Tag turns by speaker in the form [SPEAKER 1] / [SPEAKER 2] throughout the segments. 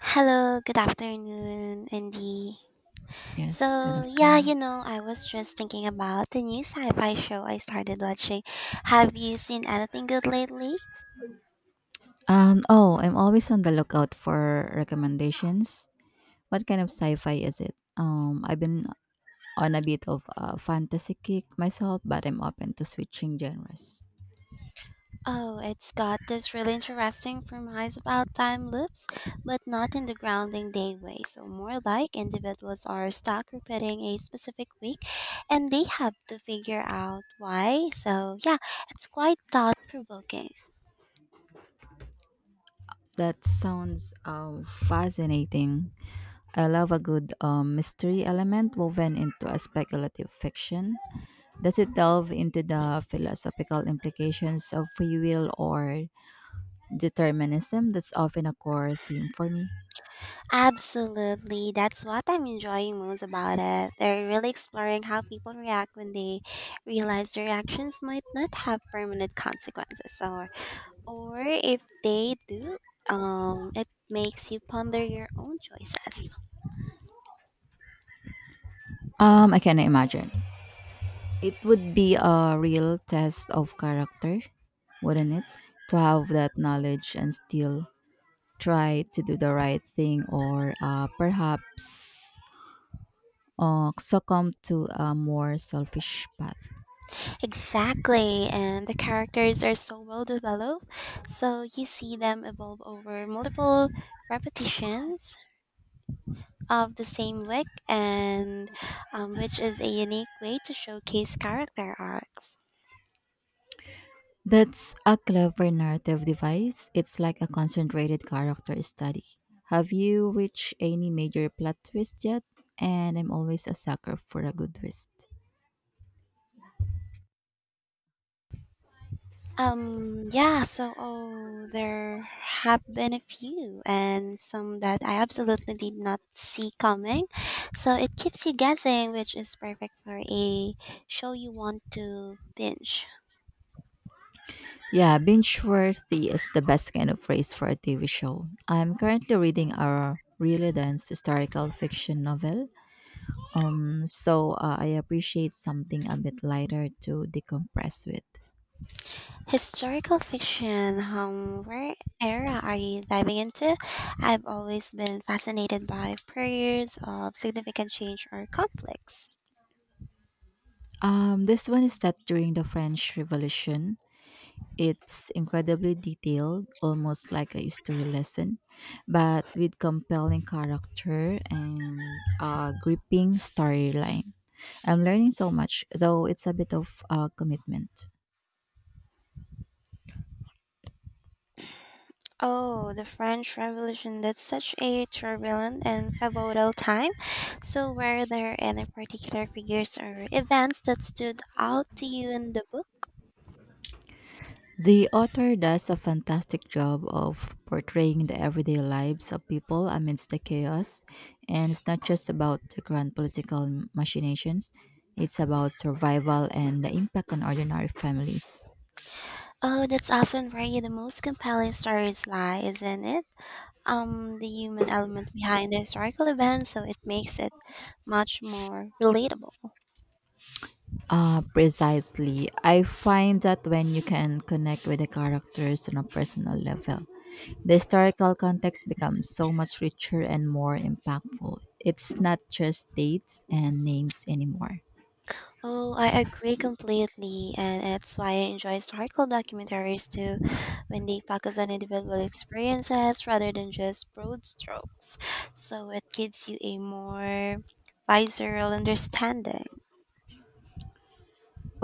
[SPEAKER 1] Hello, good afternoon, Andy.
[SPEAKER 2] Yes, good afternoon.
[SPEAKER 1] I was just thinking about the new sci fi show I started watching. Have you seen anything good lately?
[SPEAKER 2] Oh, I'm always on the lookout for recommendations. What kind of sci-fi is it? I've been on a bit of a fantasy kick myself, but I'm open to switching genres.
[SPEAKER 1] Oh, it's got this really interesting premise about time loops, but not in the grounding day way. So more like individuals are stuck repeating a specific week and they have to figure out why. It's quite thought provoking.
[SPEAKER 2] That sounds fascinating. I love a good mystery element woven into a speculative fiction. Does it delve into the philosophical implications of free will or determinism? That's often a core theme for me.
[SPEAKER 1] Absolutely. That's what I'm enjoying most about it. They're really exploring how people react when they realize their actions might not have permanent consequences or if they do, it makes you ponder your own choices.
[SPEAKER 2] I can imagine. It would be a real test of character, wouldn't it? To have that knowledge and still try to do the right thing or perhaps succumb to a more selfish path.
[SPEAKER 1] Exactly. And the characters are so well developed, so you see them evolve over multiple repetitions of the same work and which is a unique way to showcase character arcs.
[SPEAKER 2] That's a clever narrative device. It's like a concentrated character study. Have you reached any major plot twist yet? And I'm always a sucker for a good twist.
[SPEAKER 1] There have been a few and some that I absolutely did not see coming. So it keeps you guessing, which is perfect for a show you want to binge.
[SPEAKER 2] Yeah, binge worthy is the best kind of phrase for a TV show. I'm currently reading a really dense historical fiction novel, I appreciate something a bit lighter to decompress with.
[SPEAKER 1] Historical fiction, where era are you diving into? I've always been fascinated by periods of significant change or conflicts.
[SPEAKER 2] This one is set during the French Revolution. It's incredibly detailed, almost like a history lesson, but with compelling character and a gripping storyline. I'm learning so much, though it's a bit of a commitment.
[SPEAKER 1] Oh, the French Revolution. That's such a turbulent and pivotal time. So, were there any particular figures or events that stood out to you in the book?
[SPEAKER 2] The author does a fantastic job of portraying the everyday lives of people amidst the chaos, and it's not just about the grand political machinations, it's about survival and the impact on ordinary families.
[SPEAKER 1] Oh, that's often where the most compelling stories lie, isn't it? The human element behind the historical event, so it makes it much more relatable.
[SPEAKER 2] Precisely. I find that when you can connect with the characters on a personal level, the historical context becomes so much richer and more impactful. It's not just dates and names anymore.
[SPEAKER 1] Oh, I agree completely, and it's why I enjoy historical documentaries too, when they focus on individual experiences rather than just broad strokes. So it gives you a more visceral understanding.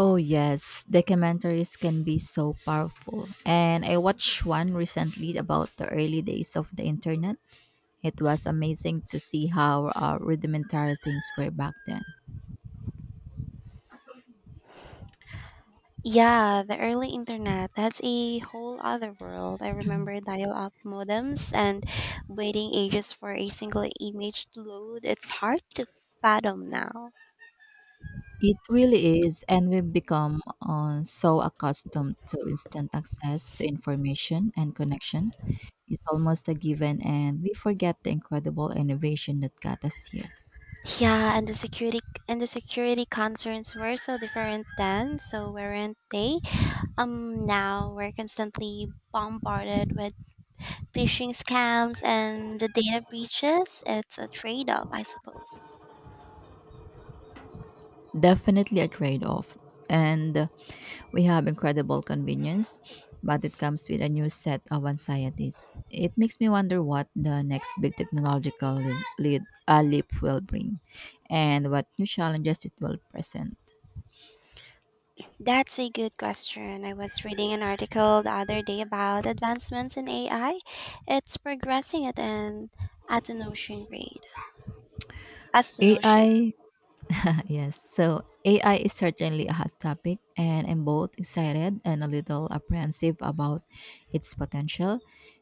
[SPEAKER 2] Oh yes, documentaries can be so powerful. And I watched one recently about the early days of the internet. It was amazing to see how rudimentary things were back then.
[SPEAKER 1] Yeah, the early internet, that's a whole other world. I remember dial up modems and waiting ages for a single image to load. It's hard to fathom now.
[SPEAKER 2] It really is, and we've become so accustomed to instant access to information and connection. It's almost a given, and we forget the incredible innovation that got us here.
[SPEAKER 1] Yeah, and the security concerns were so different then, so weren't they? Now we're constantly bombarded with phishing scams and the data breaches. It's a trade-off, I suppose.
[SPEAKER 2] Definitely a trade off. And we have incredible convenience, but it comes with a new set of anxieties. It makes me wonder what the next big technological leap will bring and what new challenges it will present.
[SPEAKER 1] That's a good question. I was reading an article the other day about advancements in AI. It's progressing at an astonishing rate. Astonishing.
[SPEAKER 2] AI? Yes. So AI is certainly a hot topic, and I'm both excited and a little apprehensive about its potential.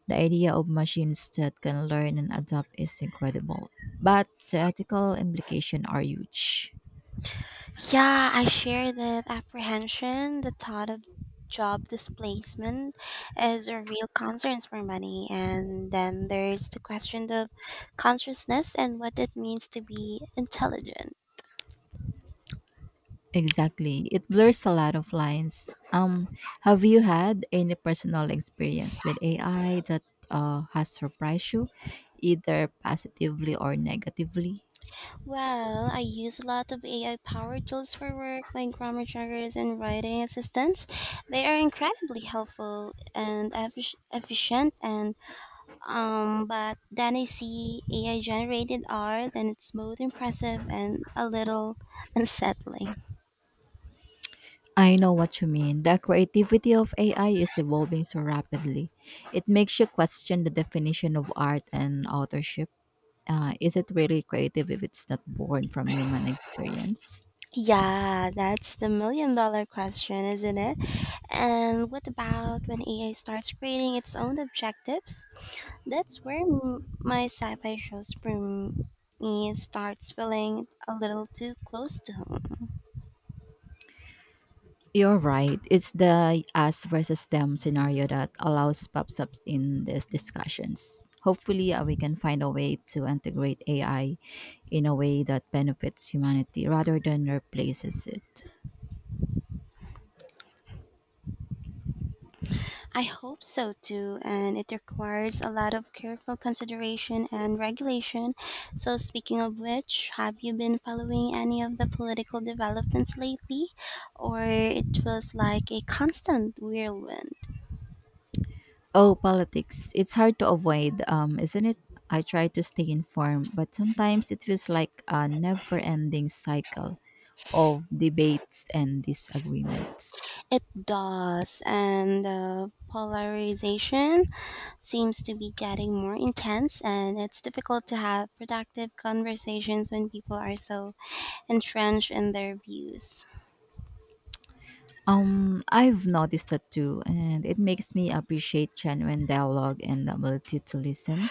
[SPEAKER 2] The idea of machines that can learn and adapt is incredible, but the ethical implications are huge.
[SPEAKER 1] Yeah, I share that apprehension. The thought of job displacement is a real concern for many. And then there's the question of consciousness and what it means to be intelligent.
[SPEAKER 2] Exactly. It blurs a lot of lines. Have you had any personal experience with AI that has surprised you, either positively or negatively?
[SPEAKER 1] Well, I use a lot of AI powered tools for work, like grammar checkers and writing assistants. They are incredibly helpful and efficient, and but then I see AI generated art and it's both impressive and a little unsettling.
[SPEAKER 2] I know what you mean. The creativity of AI is evolving so rapidly. It makes you question the definition of art and authorship. Is it really creative if it's not born from human experience?
[SPEAKER 1] Yeah, that's the million-dollar question, isn't it? And what about when AI starts creating its own objectives? That's where my sci fi shows for me starts feeling a little too close to home.
[SPEAKER 2] You're right. It's the us versus them scenario that allows pops ups in these discussions. Hopefully, we can find a way to integrate AI in a way that benefits humanity rather than replaces it.
[SPEAKER 1] I hope so too, and it requires a lot of careful consideration and regulation. So, speaking of which, have you been following any of the political developments lately? Or it feels like a constant whirlwind?
[SPEAKER 2] Oh, politics. It's hard to avoid, isn't it? I try to stay informed, but sometimes it feels like a never ending cycle of debates and disagreements.
[SPEAKER 1] It does, and the polarization seems to be getting more intense, and it's difficult to have productive conversations when people are so entrenched in their views.
[SPEAKER 2] I've noticed that too, and it makes me appreciate genuine dialogue and the ability to listen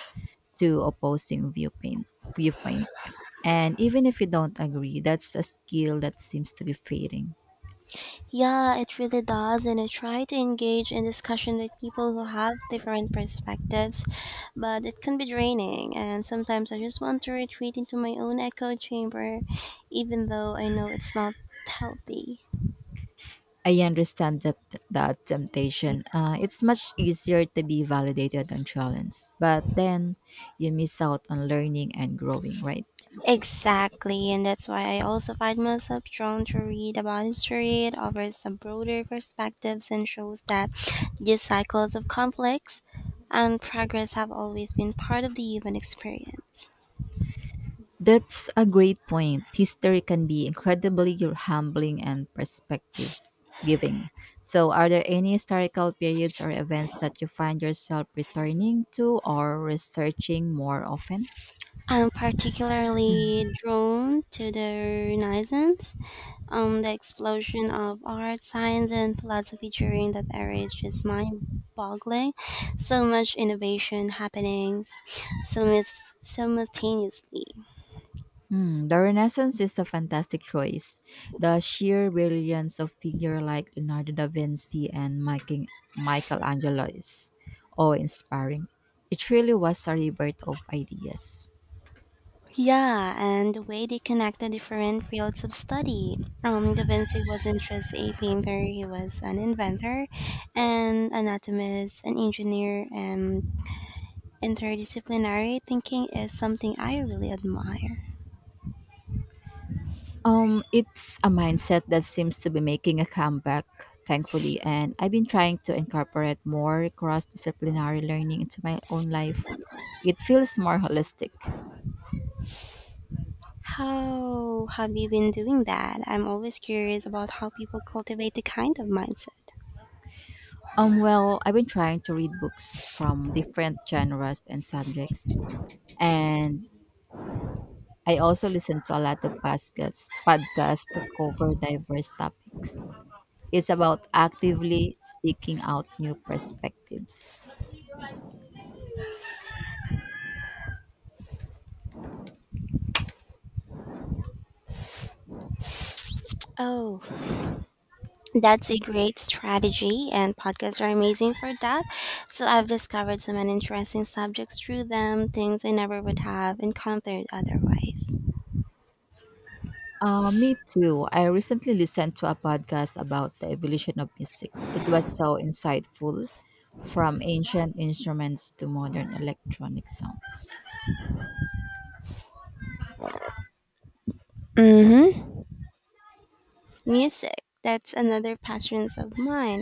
[SPEAKER 2] to viewpoints. And even if you don't agree, that's a skill that seems to be fading.
[SPEAKER 1] Yeah, it really does, and I try to engage in discussion with people who have different perspectives, but it can be draining, and sometimes I just want to retreat into my own echo chamber, even though I know it's not healthy.
[SPEAKER 2] I understand that temptation. It's much easier to be validated and challenged, but then you miss out on learning and growing, right?
[SPEAKER 1] Exactly, and that's why I also find myself drawn to read about history. It offers some broader perspectives and shows that these cycles of conflicts and progress have always been part of the human experience.
[SPEAKER 2] That's a great point. History can be incredibly humbling and perspective giving. So, are there any historical periods or events that you find yourself returning to or researching more often?
[SPEAKER 1] I'm
[SPEAKER 2] Mm.
[SPEAKER 1] particularly drawn to the Renaissance. The explosion of art, science, and philosophy during that era is just mind-boggling. So much innovation happening simultaneously.
[SPEAKER 2] Hmm, the Renaissance is a fantastic choice. The sheer brilliance of figure like Leonardo da Vinci and Michelangelo is awe-inspiring. It really was a rebirth of ideas.
[SPEAKER 1] Yeah, and the way they connect the different fields of study. Da Vinci wasn't just a painter; he was an inventor, an anatomist, an engineer, and interdisciplinary thinking is something I really admire.
[SPEAKER 2] It's a mindset that seems to be making a comeback, thankfully, and I've been trying to incorporate more cross-disciplinary learning into my own life. It feels more holistic.
[SPEAKER 1] How have you been doing that? I'm always curious about how people cultivate the kind of mindset.
[SPEAKER 2] Well, I've been trying to read books from different genres and subjects, and I also listen to a lot of podcasts that cover diverse topics. It's about actively seeking out new perspectives.
[SPEAKER 1] Oh, that's a great strategy, and podcasts are amazing for that. So I've discovered so many interesting subjects through them, things I never would have encountered otherwise.
[SPEAKER 2] Me too. I recently listened to a podcast about the evolution of music. It was so insightful, from ancient instruments to modern electronic sounds.
[SPEAKER 1] Mm hmm. Music. That's another passion of mine.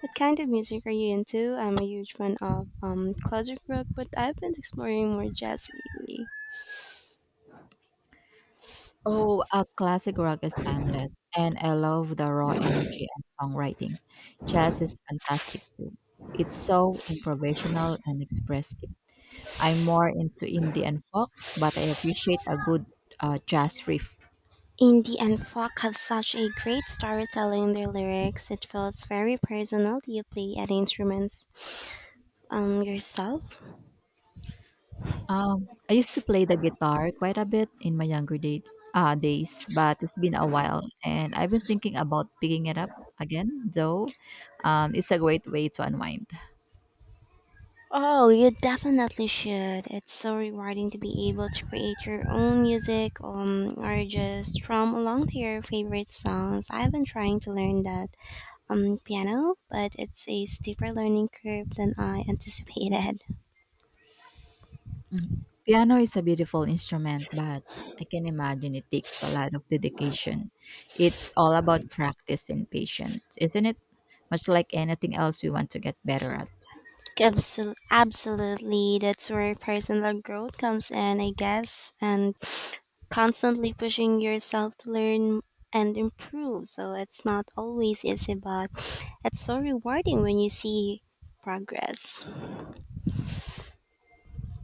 [SPEAKER 1] What kind of music are you into? I'm a huge fan of classic rock, but I've been exploring more jazz lately.
[SPEAKER 2] Oh, a classic rock is timeless, and I love the raw energy and songwriting. Jazz is fantastic too. It's so improvisational and expressive. I'm more into indie and folk, but I appreciate a good jazz riff.
[SPEAKER 1] Indie and folk have such a great storytelling in their lyrics. It feels very personal. Do you play any instruments yourself?
[SPEAKER 2] I used to play the guitar quite a bit in my younger days, but it's been a while, and I've been thinking about picking it up again. Though, it's a great way to unwind.
[SPEAKER 1] Oh, you definitely should. It's so rewarding to be able to create your own music or just strum along to your favorite songs. I've been trying to learn that piano, but it's a steeper learning curve than I anticipated.
[SPEAKER 2] Piano is a beautiful instrument, but I can imagine it takes a lot of dedication. It's all about practice and patience, isn't it? Much like anything else we want to get better at.
[SPEAKER 1] Absolutely, that's where personal growth comes in, I guess, and constantly pushing yourself to learn and improve. So it's not always easy, but it's so rewarding when you see progress.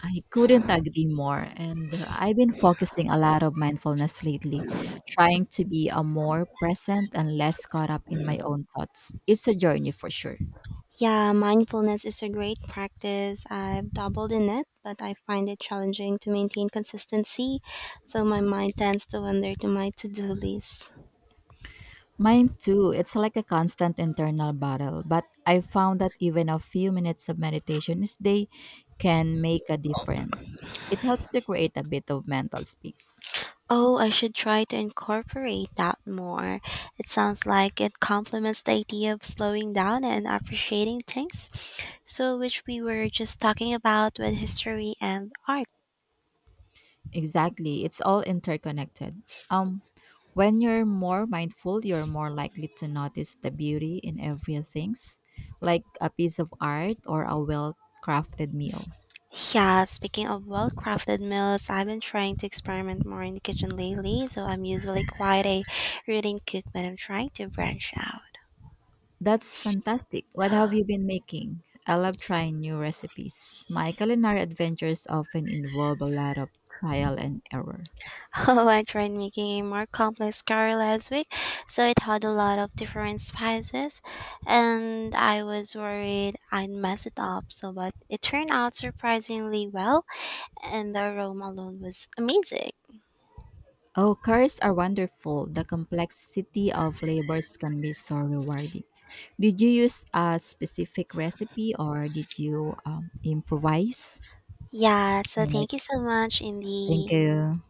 [SPEAKER 2] I couldn't agree more. And I've been focusing a lot of mindfulness lately, trying to be a more present and less caught up in my own thoughts. It's a journey for sure.
[SPEAKER 1] Yeah, mindfulness is a great practice. I've doubled in it, but I find it challenging to maintain consistency, so my mind tends to wander to my to do list.
[SPEAKER 2] Mine too. It's like a constant internal battle, but I found that even a few minutes of meditation each day can make a difference. It helps to create a bit of mental space.
[SPEAKER 1] Oh, I should try to incorporate that more. It sounds like it complements the idea of slowing down and appreciating things, So, which we were just talking about with history and art.
[SPEAKER 2] Exactly. It's all interconnected. Um, when you're more mindful, you're more likely to notice the beauty in everything, like a piece of art or a well crafted meal.
[SPEAKER 1] Yeah, speaking of well crafted meals, I've been trying to experiment more in the kitchen lately, so I'm usually quite a reading cook when I'm trying to branch out.
[SPEAKER 2] That's fantastic. What have you been making? I love trying new recipes. My culinary adventures often involve a lot of trial and error.
[SPEAKER 1] Oh, I tried making a more complex curry last week, so it had a lot of different spices, and I was worried I'd mess it up. So, but it turned out surprisingly well, and the aroma alone was amazing.
[SPEAKER 2] Oh, careers are wonderful. The complexity of labors can be so rewarding. Did you use a specific recipe or did you improvise?
[SPEAKER 1] Yeah, so
[SPEAKER 2] All right.
[SPEAKER 1] thank you so much,
[SPEAKER 2] Thank
[SPEAKER 1] Indy.
[SPEAKER 2] you.